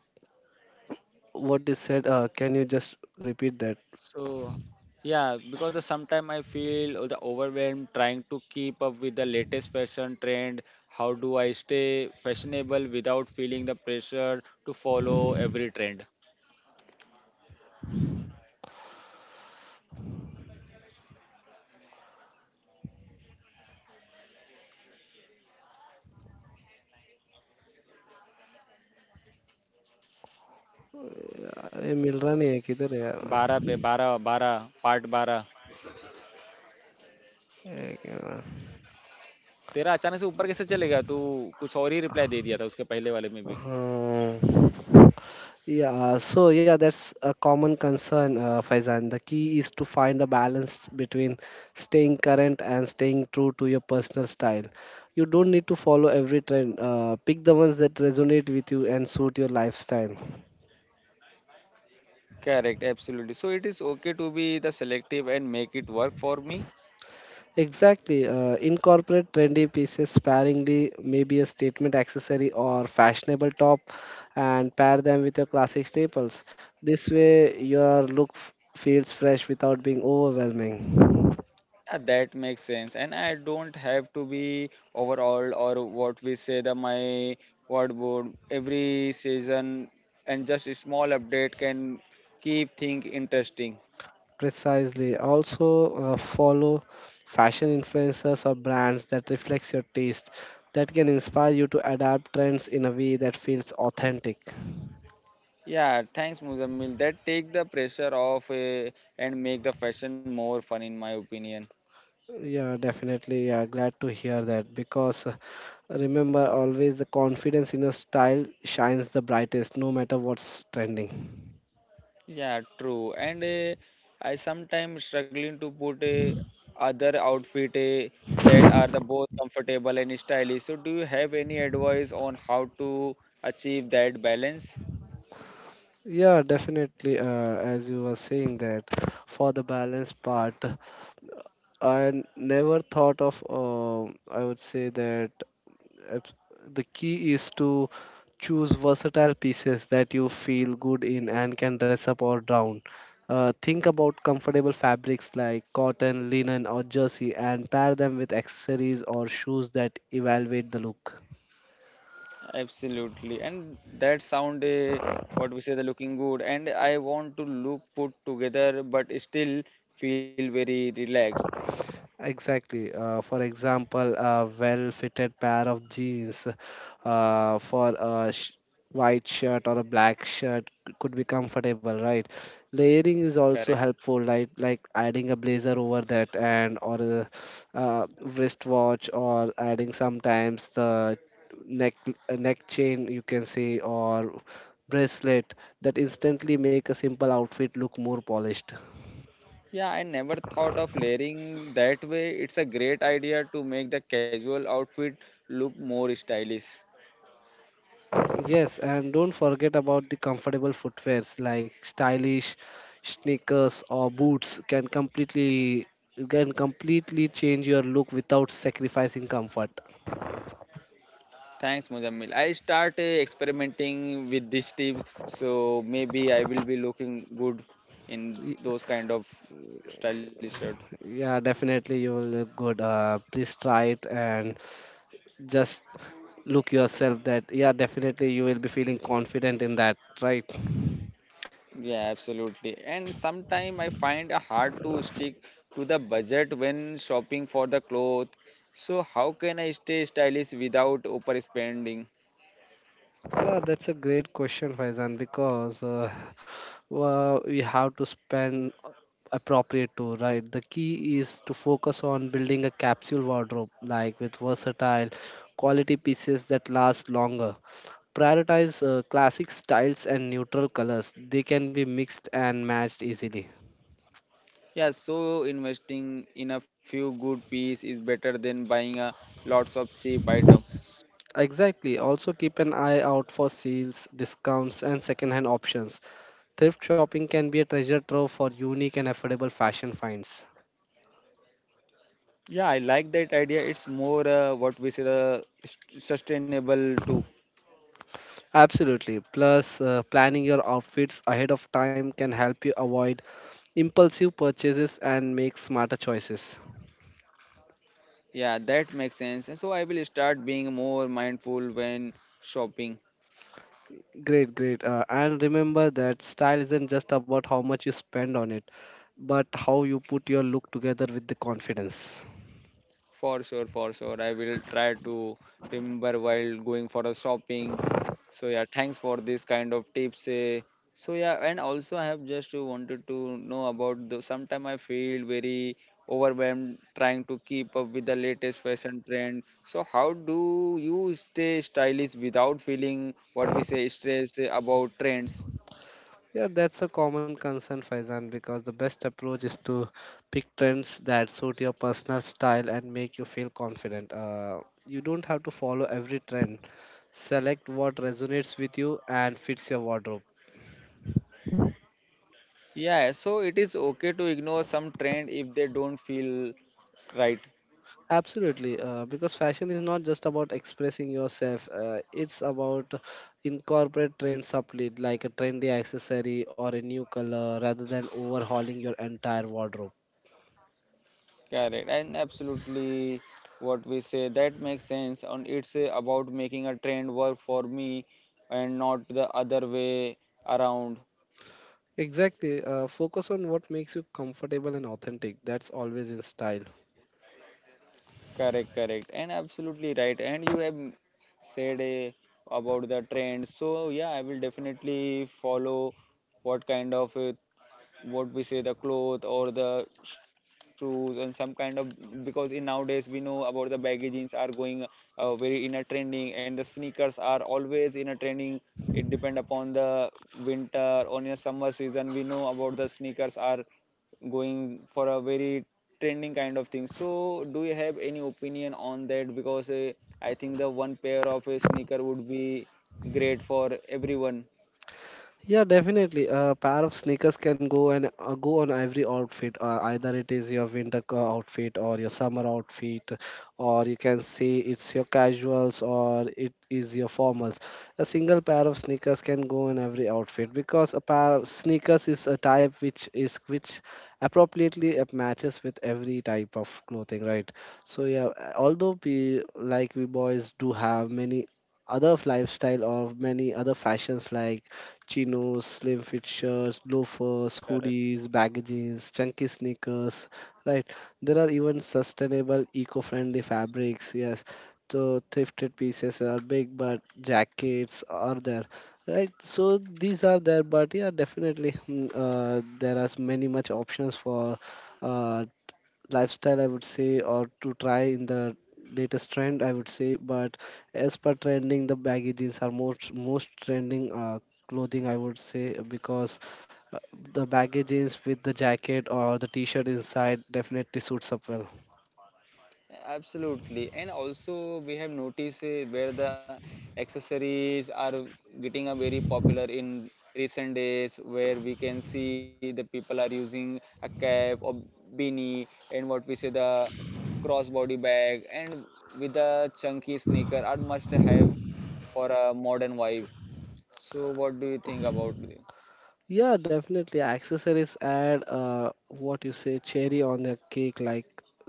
[SPEAKER 1] what you said, can you just repeat that?
[SPEAKER 3] So, yeah, because the sometime I feel the overwhelmed trying to keep up with the latest fashion trend. How do I stay fashionable without feeling the pressure to follow every trend?
[SPEAKER 1] अरे मिल रहा नहीं है किधर है
[SPEAKER 3] 12 पे
[SPEAKER 1] यार
[SPEAKER 3] 12 part 12
[SPEAKER 1] एक।
[SPEAKER 3] तेरा अचानक से ऊपर कैसे चले गया तू कुछ और ही रिप्लाई दे दिया था उसके पहले वाले में भी.
[SPEAKER 1] Uh, yeah, that's a common concern, Faizan. The key is to find a balance between staying current and staying true to your personal style. You don't need to follow every trend. Pick the ones that resonate with you and suit your lifestyle.
[SPEAKER 3] Correct, absolutely. So it is okay to be the selective and make it work for me.
[SPEAKER 1] Exactly. Incorporate trendy pieces sparingly, maybe a statement accessory or fashionable top, and pair them with your classic staples. This way, your look feels fresh without being overwhelming.
[SPEAKER 3] Yeah, that makes sense. And I don't have to be overall or what we say the my word board every season and just a small update can keep things interesting.
[SPEAKER 1] Precisely. Also, follow fashion influencers or brands that reflects your taste that can inspire you to adapt trends in a way that feels authentic.
[SPEAKER 3] Yeah, thanks Muzammil. That take the pressure off and make the fashion more fun in my opinion.
[SPEAKER 1] Yeah, definitely. Yeah, glad to hear that because remember always the confidence in a style shines the brightest no matter what's trending.
[SPEAKER 3] Yeah, true. And I sometimes struggling to put other outfit that are the both comfortable and stylish. So do you have any advice on how to achieve that balance?
[SPEAKER 1] Yeah, definitely. As you were saying that for the balance part, I never thought of. I would say that. At- The key is to choose versatile pieces that you feel good in and can dress up or down. Think about comfortable fabrics like cotton, linen, or jersey and pair them with accessories or shoes that elevate the look.
[SPEAKER 3] Absolutely. And that sound what we say the looking good and I want to look put together but still feel very relaxed.
[SPEAKER 1] Exactly. For example, a well-fitted pair of jeans for a sh white shirt or a black shirt could be comfortable, right? Layering is
[SPEAKER 3] Correct.
[SPEAKER 1] also helpful, like adding a blazer over that and or a wristwatch or adding sometimes the neck a neck chain you can say or bracelet that instantly make a simple outfit look more polished.
[SPEAKER 3] Yeah, I never thought of layering that way. It's a great idea to make the casual outfit look more stylish.
[SPEAKER 1] Yes, and don't forget about the comfortable footwears like stylish sneakers or boots can completely change your look without sacrificing comfort.
[SPEAKER 3] Thanks, Muzammil. I start experimenting with this tip, so maybe I will be looking good in
[SPEAKER 1] Y-
[SPEAKER 3] those kind of stylish shirt.
[SPEAKER 1] Yeah, definitely you will look good. Please try it and just look yourself that yeah, definitely you will be feeling confident in that, right?
[SPEAKER 3] Yeah, absolutely. And sometimes I find it hard to stick to the budget when shopping for the clothes. So how can I stay stylish without overspending?
[SPEAKER 1] Yeah, that's a great question, Faizan, because well, we have to spend appropriate to, right? The key is to focus on building a capsule wardrobe, like with versatile quality pieces that last longer. Prioritize classic styles and neutral colors. They can be mixed and matched easily.
[SPEAKER 3] Yeah, so investing in a few good piece is better than buying a lots of cheap item.
[SPEAKER 1] Exactly. Also keep an eye out for sales, discounts, and second-hand options. Thrift shopping can be a treasure trove for unique and affordable fashion finds.
[SPEAKER 3] Yeah, I like that idea. It's more what we say the sustainable too.
[SPEAKER 1] Absolutely. Plus, planning your outfits ahead of time can help you avoid impulsive purchases and make smarter choices.
[SPEAKER 3] Yeah, that makes sense. And so I will start being more mindful when shopping.
[SPEAKER 1] Great, great. And remember that style isn't just about how much you spend on it, but how you put your look together with the confidence.
[SPEAKER 3] For sure, for sure. I will try to remember while going for a shopping. So yeah, thanks for this kind of tips. Eh. So yeah, and also I have just wanted to know about the Sometimes I feel very overwhelmed trying to keep up with the latest fashion trend. So how do you stay stylish without feeling what we say stressed eh, about trends?
[SPEAKER 1] Yeah, that's a common concern, Faizan, because the best approach is to pick trends that suit your personal style and make you feel confident. You don't have to follow every trend. Select what resonates with you and fits your wardrobe.
[SPEAKER 3] Yeah, so it is okay to ignore some trend if they don't feel right.
[SPEAKER 1] Absolutely, because fashion is not just about expressing yourself, it's about incorporate trends subtly, like a trendy accessory or a new color, rather than overhauling your entire wardrobe.
[SPEAKER 3] Correct, and absolutely what we say that makes sense. And it's about making a trend work for me and not the other way around.
[SPEAKER 1] Exactly. Focus on what makes you comfortable and authentic. That's always in style.
[SPEAKER 3] Correct, correct, and absolutely right. And you have said about the trend, so yeah, I will definitely follow what kind of what we say the cloth or the shoes and some kind of because in nowadays we know about the baggy jeans are going very in a trending, and the sneakers are always in a trending. It depend upon the winter or in a summer season. We know about the sneakers are going for a very trending kind of thing. So do you have any opinion on that? Because I think the one pair of a sneaker would be great for everyone.
[SPEAKER 1] Yeah, definitely. A pair of sneakers can go and go on every outfit. Either it is your winter outfit or your summer outfit, or you can say it's your casuals or it is your formals. A single pair of sneakers can go in every outfit because a pair of sneakers is a type which appropriately matches with every type of clothing, right? So yeah, although we boys do have many other lifestyle or many other fashions like chinos, slim fit shirts, loafers, hoodies, baggy jeans, chunky sneakers, right? There are even sustainable, eco-friendly fabrics, yes. So thrifted pieces are big, but jackets are there, right? So these are there, but yeah, definitely there are many much options for uh, lifestyle I would say, or to try in the latest trend I would say. But as per trending, the baggy jeans are most trending clothing I would say, because uh, the baggy jeans with the jacket or the t-shirt inside definitely suits up well.
[SPEAKER 3] Absolutely, and also we have noticed where the accessories are getting a very popular in recent days, where we can see the people are using a cap or beanie, and what we say the crossbody bag, and with a chunky sneaker are must have for a modern vibe. So, what do you think about it?
[SPEAKER 1] Yeah, definitely. Accessories add what you say cherry on the cake, like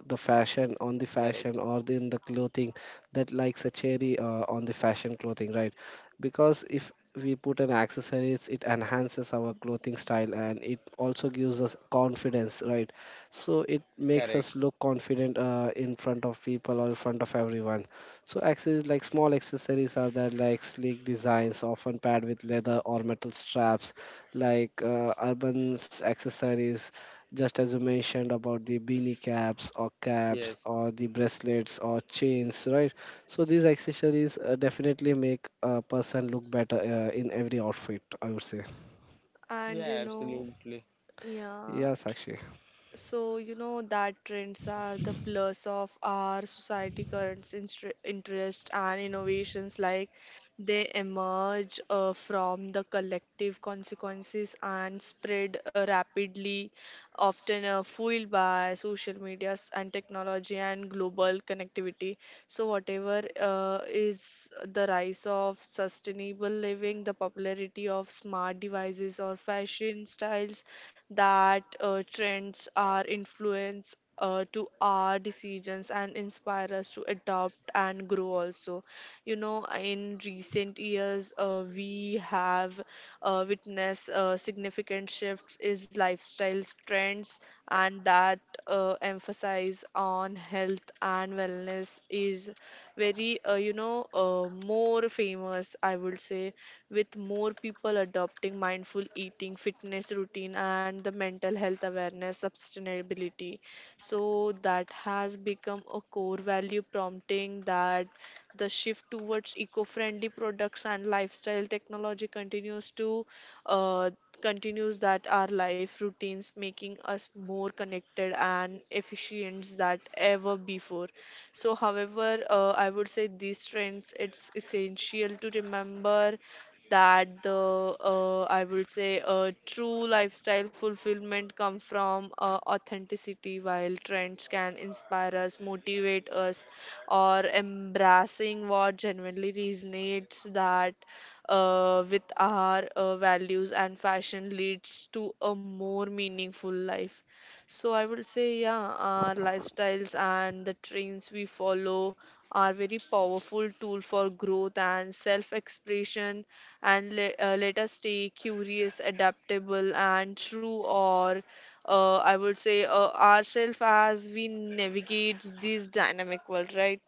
[SPEAKER 1] the fashion on the
[SPEAKER 3] Correct,
[SPEAKER 1] fashion or in the clothing that likes a cherry on the fashion clothing, right? Because if we put an accessories, it enhances our clothing style and it also gives us confidence, right? So it makes
[SPEAKER 3] correct.
[SPEAKER 1] us look confident in front of people or in front of everyone. So accessories like small accessories are there, like sleek designs, often paired with leather or metal straps, like urban accessories, just as you mentioned about the beanie caps or caps
[SPEAKER 3] Yes,
[SPEAKER 1] or the bracelets or chains, right? So these accessories definitely make a person look better in every outfit, I would say.
[SPEAKER 2] And you
[SPEAKER 3] yeah,
[SPEAKER 2] know,
[SPEAKER 3] absolutely.
[SPEAKER 2] yeah.
[SPEAKER 1] Yeah, Sakshi.
[SPEAKER 2] So, you know that trends are the plus of our society current interest and innovations like they emerge from the collective consequences and spread rapidly, often fueled by social medias and technology and global connectivity. So, whatever is the rise of sustainable living, the popularity of smart devices or fashion styles that trends are influence to our decisions and inspire us to adopt and grow also you know in recent years we have witnessed significant shifts is lifestyle trends and that emphasize on health and wellness is very more famous I would say, with more people adopting mindful eating, fitness routine, and the mental health awareness, sustainability. So that has become a core value, prompting that the shift towards eco-friendly products and lifestyle technology continues to uh, continues that our life routines making us more connected and efficient than ever before. So however, I would say these trends it's essential to remember that the I would say true lifestyle fulfillment come from authenticity. While trends can inspire us, motivate us, or embracing what genuinely resonates that with our values and fashion leads to a more meaningful life. So I would say, yeah, our lifestyles and the trends we follow are very powerful tool for growth and self expression, and let us stay curious, adaptable, and true, or I would say ourselves as we navigate this dynamic world, right?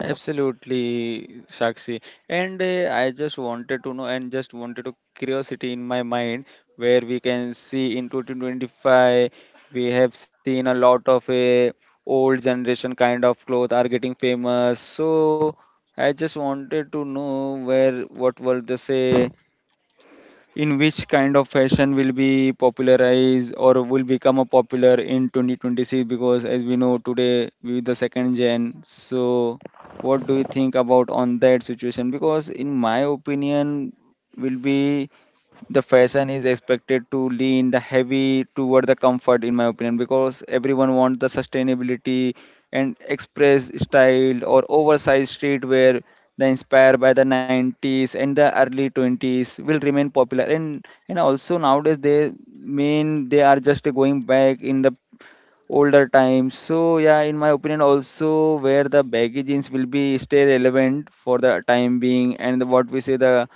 [SPEAKER 3] Absolutely, Sakshi. And I just wanted to know and just wanted to curiosity in my mind where we can see in 2025 we have seen a lot of a old generation kind of clothes are getting famous. So I just wanted to know where what were they say in which kind of fashion will be popularized or will become a popular in 2026, because as we know today with the second gen. So what do you think about on that situation? Because in my opinion, will be the fashion is expected to lean the heavy toward the comfort in my opinion, because everyone wants the sustainability and express style or oversized streetwear the inspired by the 90s and the early 20s will remain popular, and also nowadays they mean they are just going back in the older times. So yeah, in my opinion, also where the baggy jeans will be stay relevant for the time being, and what we say the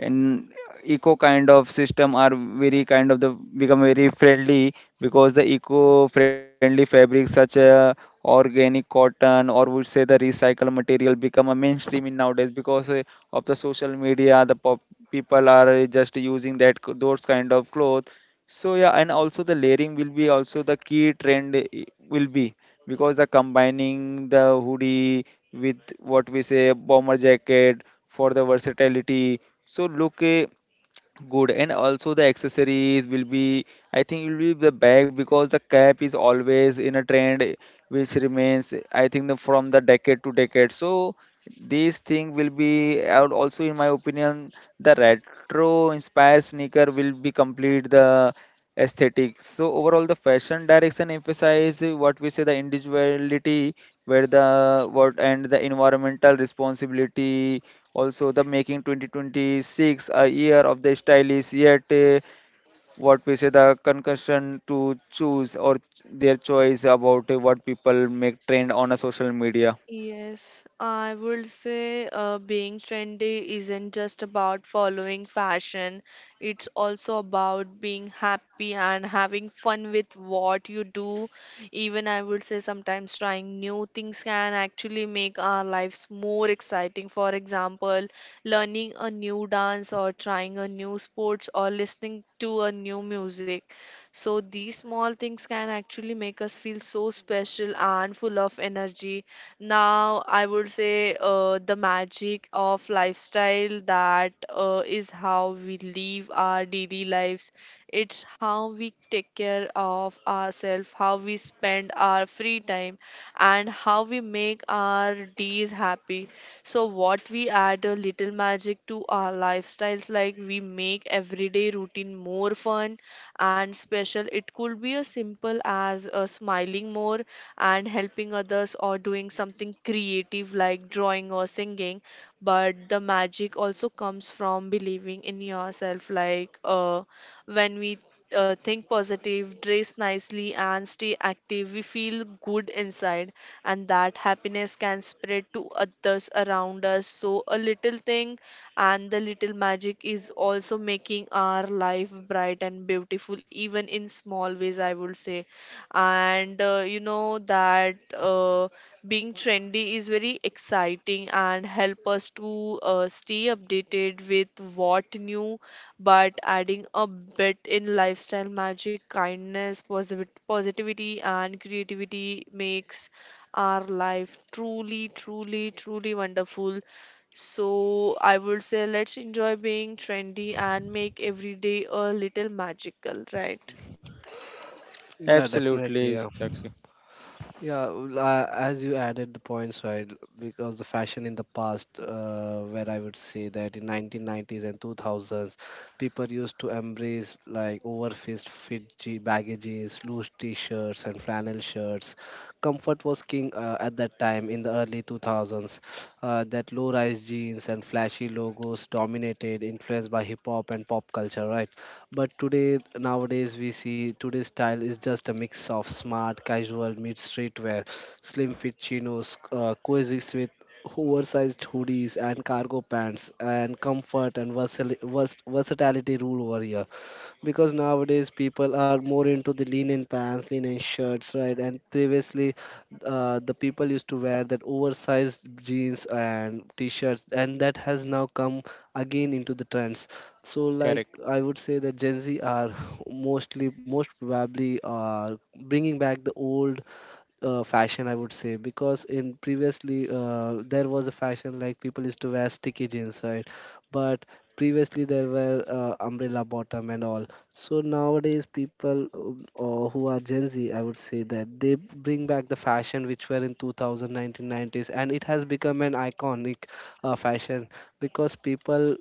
[SPEAKER 3] and eco kind of system are very kind of the become very friendly, because the eco friendly fabrics such as organic cotton or would say the recycled material become a mainstream in nowadays because of the social media the people are just using that those kind of clothes. So yeah, and also the layering will be also the key will be, because the combining the hoodie with what we say bomber jacket for the versatility. So look eh, good. And also the accessories will be, I think will be the bag, because the cap is always in a trend eh, which remains eh, I think the, from the decade to decade. So this thing will be. And also in my opinion, the retro inspired sneaker will be complete the aesthetic. So overall, the fashion direction emphasize what we say the individuality, where the what and the environmental responsibility. Also, the making 2026 a year of the stylish yet what we say the concussion to choose or their choice about what people make trend on a social media.
[SPEAKER 2] Yes, I would say, being trendy isn't just about following fashion. It's also about being happy and having fun with what you do. Even I would say sometimes trying new things can actually make our lives more exciting. For example, learning a new dance or trying a new sports or listening to a new music. So these small things can actually make us feel so special and full of energy. Now, I would say, the magic of lifestyle that is how we live our daily lives. It's how we take care of ourselves, how we spend our free time, and how we make our days happy. So, what we add a little magic to our lifestyles, like we make everyday routine more fun and special. It could be as simple as smiling more and helping others or doing something creative like drawing or singing. But the magic also comes from believing in yourself, like when we think positive, dress nicely, and stay active, we feel good inside, and that happiness can spread to others around us. So a little thing and the little magic is also making our life bright and beautiful even in small ways, I would say. And you know that being trendy is very exciting and help us to stay updated with what new, but adding a bit in lifestyle magic, kindness, positivity, and creativity makes our life truly wonderful. So I would say, let's enjoy being trendy and make every day a little magical, right?
[SPEAKER 1] Yeah, definitely.
[SPEAKER 3] Absolutely,
[SPEAKER 1] Yeah.
[SPEAKER 3] Sakshi.
[SPEAKER 1] Yeah, well, as you added the points, right, because the fashion in the past, where I would say that in 1990s and 2000s, people used to embrace like baggy jeans, loose t-shirts and flannel shirts. Comfort was king at that time in the early 2000s. That low-rise jeans and flashy logos dominated, influenced by hip hop and pop culture, right? But today, nowadays, we see today's style is just a mix of smart, casual, mid streetwear, slim fit chinos, coexist with oversized hoodies and cargo pants, and comfort and versatility rule over here, because nowadays people are more into the linen pants, linen shirts, right? And previously, the people used to wear that oversized jeans and t-shirts, and that has now come again into the trends. So, like,
[SPEAKER 3] Correct.
[SPEAKER 1] I would say that Gen Z are mostly, most probably, are bringing back the old fashion I would say, because in previously there was a fashion like people used to wear sticky jeans, right? But previously there were umbrella bottom and all. So nowadays people who are Gen Z, I would say that they bring back the fashion which were in 2000 1990s, and it has become an iconic fashion, because people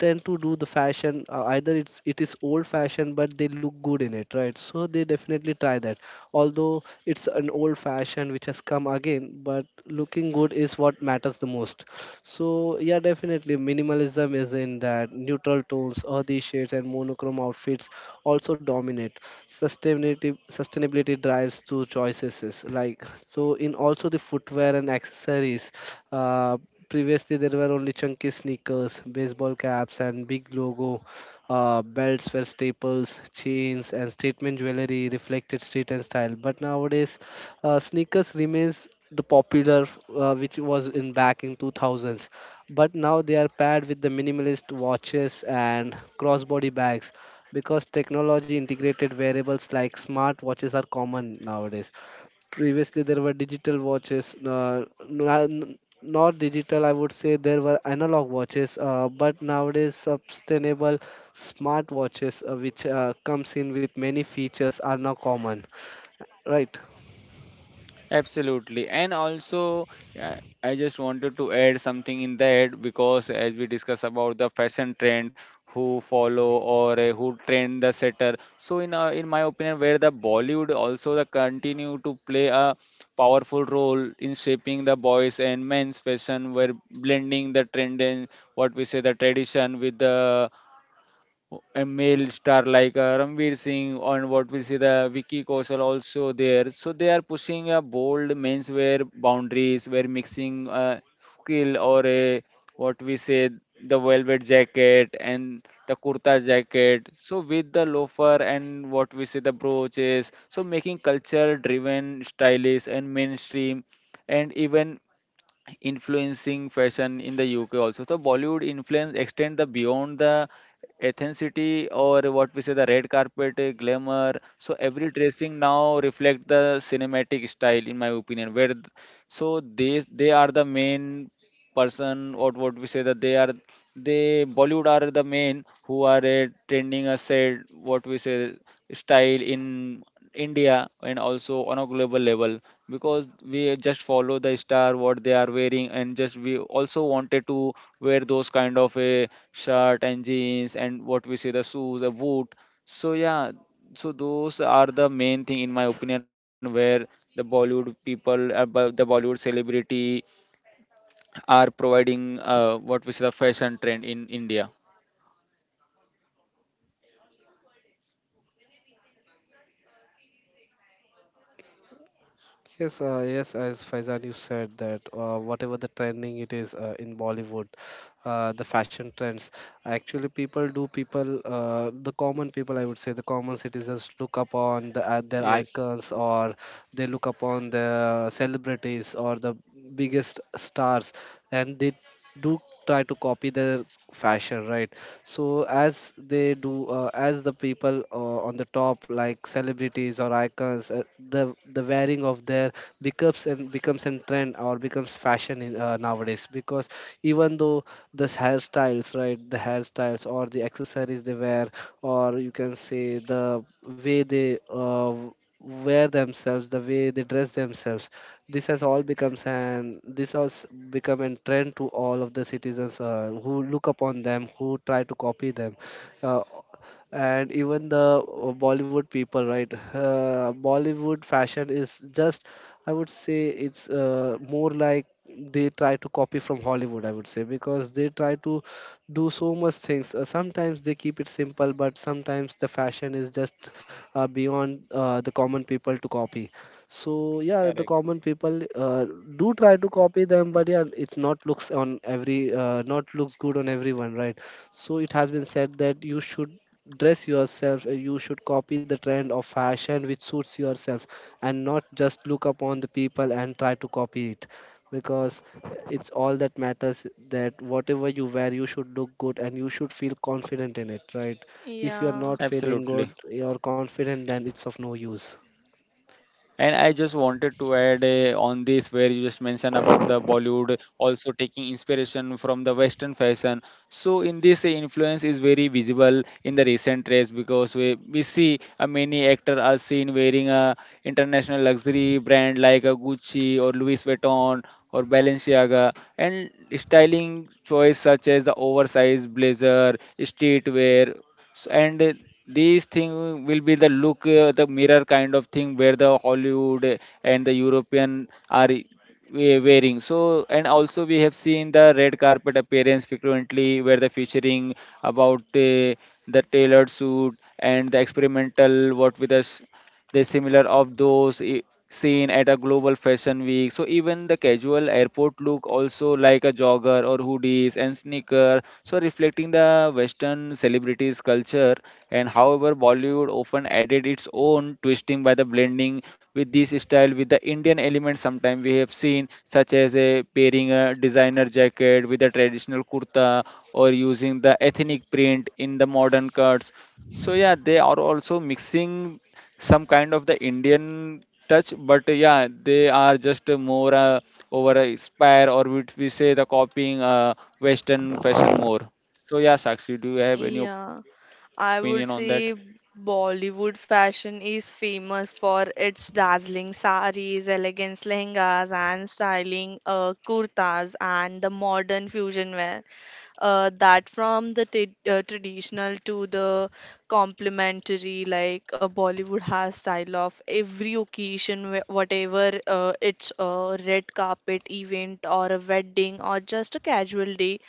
[SPEAKER 1] tend to do the fashion, either it is old fashioned, but they look good in it, right? So they definitely try that, although it's an old fashion which has come again, but looking good is what matters the most. So yeah, definitely minimalism is in, that neutral tones, earthy shades and monochrome outfits also dominate. Sustainability drives to choices is like. So in also the footwear and accessories, uh, previously, there were only chunky sneakers, baseball caps, and big logo. Belts were staples, chains, and statement jewelry reflected street and style. But nowadays, sneakers remains the popular, which was in back in 2000s, but now they are paired with the minimalist watches and crossbody bags, because technology integrated wearables like smart watches are common nowadays. Previously there were digital watches, not digital I would say, there were analog watches, but nowadays sustainable smart watches which comes in with many features are now common, right?
[SPEAKER 3] Absolutely. And also, uh, I just wanted to add something in that, because as we discuss about the fashion trend, who follow or who trend the setter. So in my opinion, where the Bollywood also the continue to play a powerful role in shaping the boys and men's fashion, where blending the trend and what we say the tradition with the a male star like Ranveer Singh, and what we see the Vicky Kaushal also there. So they are pushing a bold menswear boundaries where mixing skill or a what we say the velvet jacket and the kurta jacket. So with the loafer and what we say the brooches. So making culture driven, stylish and mainstream and even influencing fashion in the UK also. So Bollywood influence extend the beyond the ethnicity or what we say the red carpet glamour. So every dressing now reflect the cinematic style in my opinion. So they are the main person or what we say that they are they Bollywood are the main who are trending a said what we say style in India and also on a global level, because we just follow the star what they are wearing and just we also wanted to wear those kind of a shirt and jeans and what we say the shoes a boot. So yeah, so those are the main thing in my opinion where the Bollywood people the Bollywood celebrity are providing what we say the fashion trend in India.
[SPEAKER 1] Yes, yes, as Faizan, you said that whatever the trending it is in Bollywood, the fashion trends, actually the common people, I would say, the common citizens look upon their icons,
[SPEAKER 3] Yes,
[SPEAKER 1] or they look upon the celebrities or the biggest stars, and they do try to copy their fashion, right? So as they do, as the people on the top like celebrities or icons, the wearing of their becomes and becomes a trend or becomes fashion in, nowadays, because even though this hairstyles, right, the hairstyles or the accessories they wear, or you can say the way they wear themselves, the way they dress themselves, this has become a trend to all of the citizens who look upon them, who try to copy them. uh, and even the Bollywood people, right, Bollywood fashion is just, I would say it's more like they try to copy from Hollywood I would say, because they try to do so much things, sometimes they keep it simple, but sometimes the fashion is just beyond the common people to copy. So yeah, the common
[SPEAKER 3] correct.
[SPEAKER 1] people do try to copy them, but yeah, it's not looks on every not looks good on everyone, right? So it has been said that you should dress yourself, you should copy the trend of fashion which suits yourself, and not just look upon the people and try to copy it, because it's all that matters that whatever you wear, you should look good and you should feel confident in it, right? If you're
[SPEAKER 2] Yeah.
[SPEAKER 1] not feeling good,
[SPEAKER 3] Absolutely.
[SPEAKER 1] you're confident, then it's of no use.
[SPEAKER 3] And I just wanted to add on this where you just mentioned about the Bollywood also taking inspiration from the Western fashion. So in this influence is very visible in the recent race, because we see many actors are seen wearing a international luxury brand like a Gucci or Louis Vuitton or Balenciaga, and styling choice such as the oversized blazer, and these thing will be the look the mirror kind of thing where the Hollywood and the European are wearing. So, and also we have seen the red carpet appearance frequently, where the featuring about the tailored suit and the experimental what with us the similar of seen at a global fashion week. So even the casual airport look also like a jogger or hoodies and sneaker. So reflecting the Western celebrities culture. And however Bollywood often added its own twisting by the blending with this style with the Indian element, sometimes we have seen such as a pairing a designer jacket with a traditional kurta or using the ethnic print in the modern cuts. So yeah, they are also mixing some kind of the Indian touch, but yeah, they are just more over a inspire or would we say the copying Western fashion more. So yeah, Sakshi, do you have any opinion
[SPEAKER 2] Yeah,
[SPEAKER 3] on that?
[SPEAKER 2] I would say Bollywood fashion is famous for its dazzling saris, elegant lehengas, and styling kurtas and the modern fusion wear. That from the t traditional to the complementary, like Bollywood has style of every occasion, whatever it's a red carpet event or a wedding or just a casual day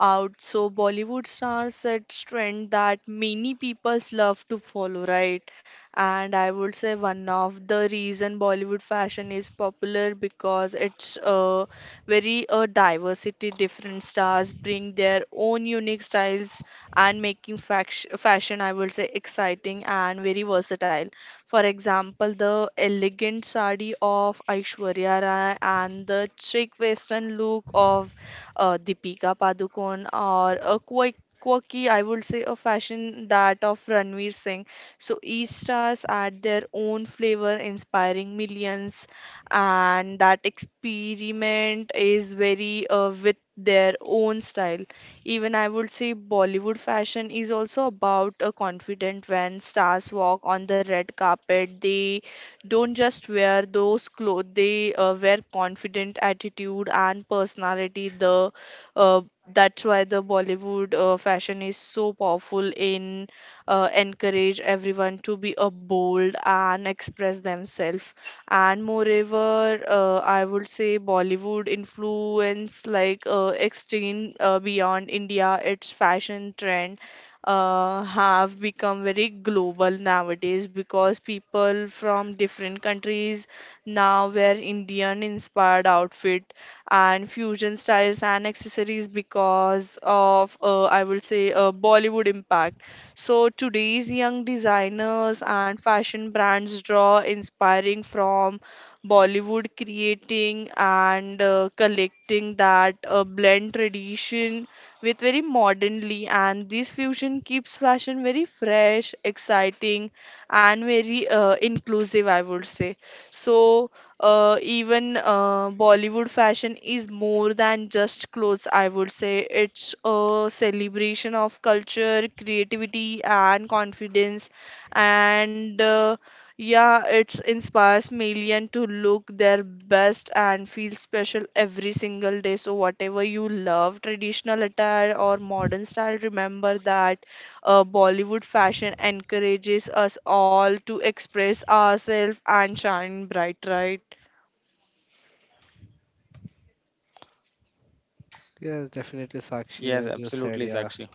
[SPEAKER 2] out. So Bollywood stars set trend that many peoples love to follow, right? And I would say one of the reason Bollywood fashion is popular because it's very diversity. Different stars bring their own unique styles and making fashion, I would say, exciting and very versatile. For example, the elegant sari of Aishwarya Rai and the chic western look of Deepika Padukone or a quirky, I would say, a fashion that of Ranveer Singh. So each stars add their own flavor, inspiring millions, and that experiment is very with their own style. Even I would say Bollywood fashion is also about a confident when stars walk on the red carpet. They don't just wear those clothes, they wear confident attitude and personality. The uh, that's why the Bollywood fashion is so powerful in encourage everyone to be a bold and express themselves. And moreover, I would say Bollywood influence like extreme beyond India, its fashion trend have become very global nowadays because people from different countries now wear Indian inspired outfit and fusion styles and accessories because of I would say Bollywood impact. So today's young designers and fashion brands draw inspiring from Bollywood, creating and collecting that blend tradition with very modernly, and this fusion keeps fashion very fresh, exciting, and very inclusive, I would say. So even Bollywood fashion is more than just clothes, I would say. It's a celebration of culture, creativity, and confidence. And Yeah, it inspires million to look their best and feel special every single day. So whatever you love, traditional attire or modern style, remember that Bollywood fashion encourages us all to express ourselves and shine bright, right?
[SPEAKER 1] Yes, definitely, Sakshi,
[SPEAKER 3] Yes,
[SPEAKER 1] as you
[SPEAKER 3] absolutely,
[SPEAKER 1] said, yeah.
[SPEAKER 3] Sakshi.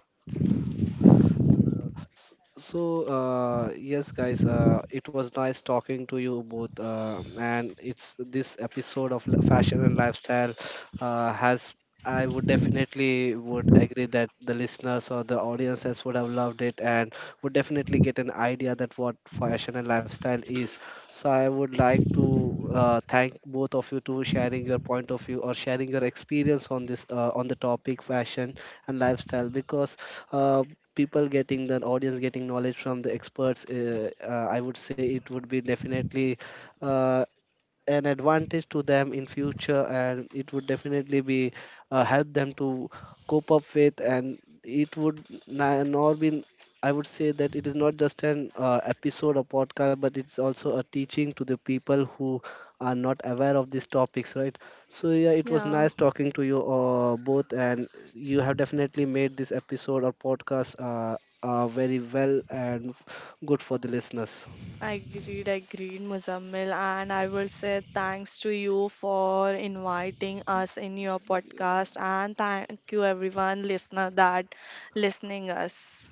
[SPEAKER 1] So, yes, guys, it was nice talking to you both. And it's this episode of fashion and lifestyle has. I would definitely would agree that the listeners or the audiences would have loved it, and would definitely get an idea that what fashion and lifestyle is. So I would like to thank both of you to sharing your point of view or sharing your experience on this on the topic fashion and lifestyle, because uh, people getting the audience getting knowledge from the experts, I would say it would be definitely uh, an advantage to them in future, and it would definitely be help them to cope up with, and it would na- nor be, I would say, that it is not just an episode or podcast, but it's also a teaching to the people who are not aware of these topics, right? So yeah, it was
[SPEAKER 2] Yeah.
[SPEAKER 1] nice talking to you both, and you have definitely made this episode or podcast very well and good for the listeners.
[SPEAKER 2] Agreed, agreed, Muzammil. And I will say thanks to you for inviting us in your podcast. And thank you, everyone, listener, that listening us.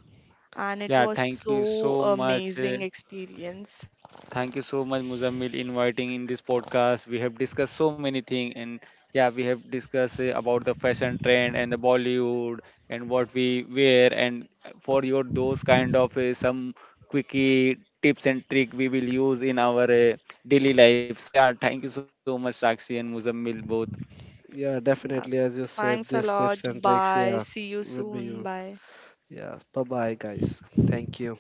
[SPEAKER 2] And it
[SPEAKER 3] Yeah,
[SPEAKER 2] was
[SPEAKER 3] thank you
[SPEAKER 2] so
[SPEAKER 3] so much.
[SPEAKER 2] amazing experience.
[SPEAKER 3] Thank you so much, Muzammil, inviting in this podcast. We have discussed so many things, and yeah, we have discussed about the fashion trend and the Bollywood and what we wear. And for your those kind of some quickie tips and trick we will use in our daily life. So yeah, thank you so much, Sakshi and Muzammil both.
[SPEAKER 1] Yeah,
[SPEAKER 2] Yeah.
[SPEAKER 1] definitely. As you said,
[SPEAKER 2] Thanks a
[SPEAKER 1] these
[SPEAKER 2] lot.
[SPEAKER 1] tips and tricks,
[SPEAKER 2] Bye.
[SPEAKER 1] yeah,
[SPEAKER 2] See you
[SPEAKER 1] would be
[SPEAKER 2] soon.
[SPEAKER 1] you.
[SPEAKER 2] Bye.
[SPEAKER 1] Yeah. Bye bye, guys. Thank you.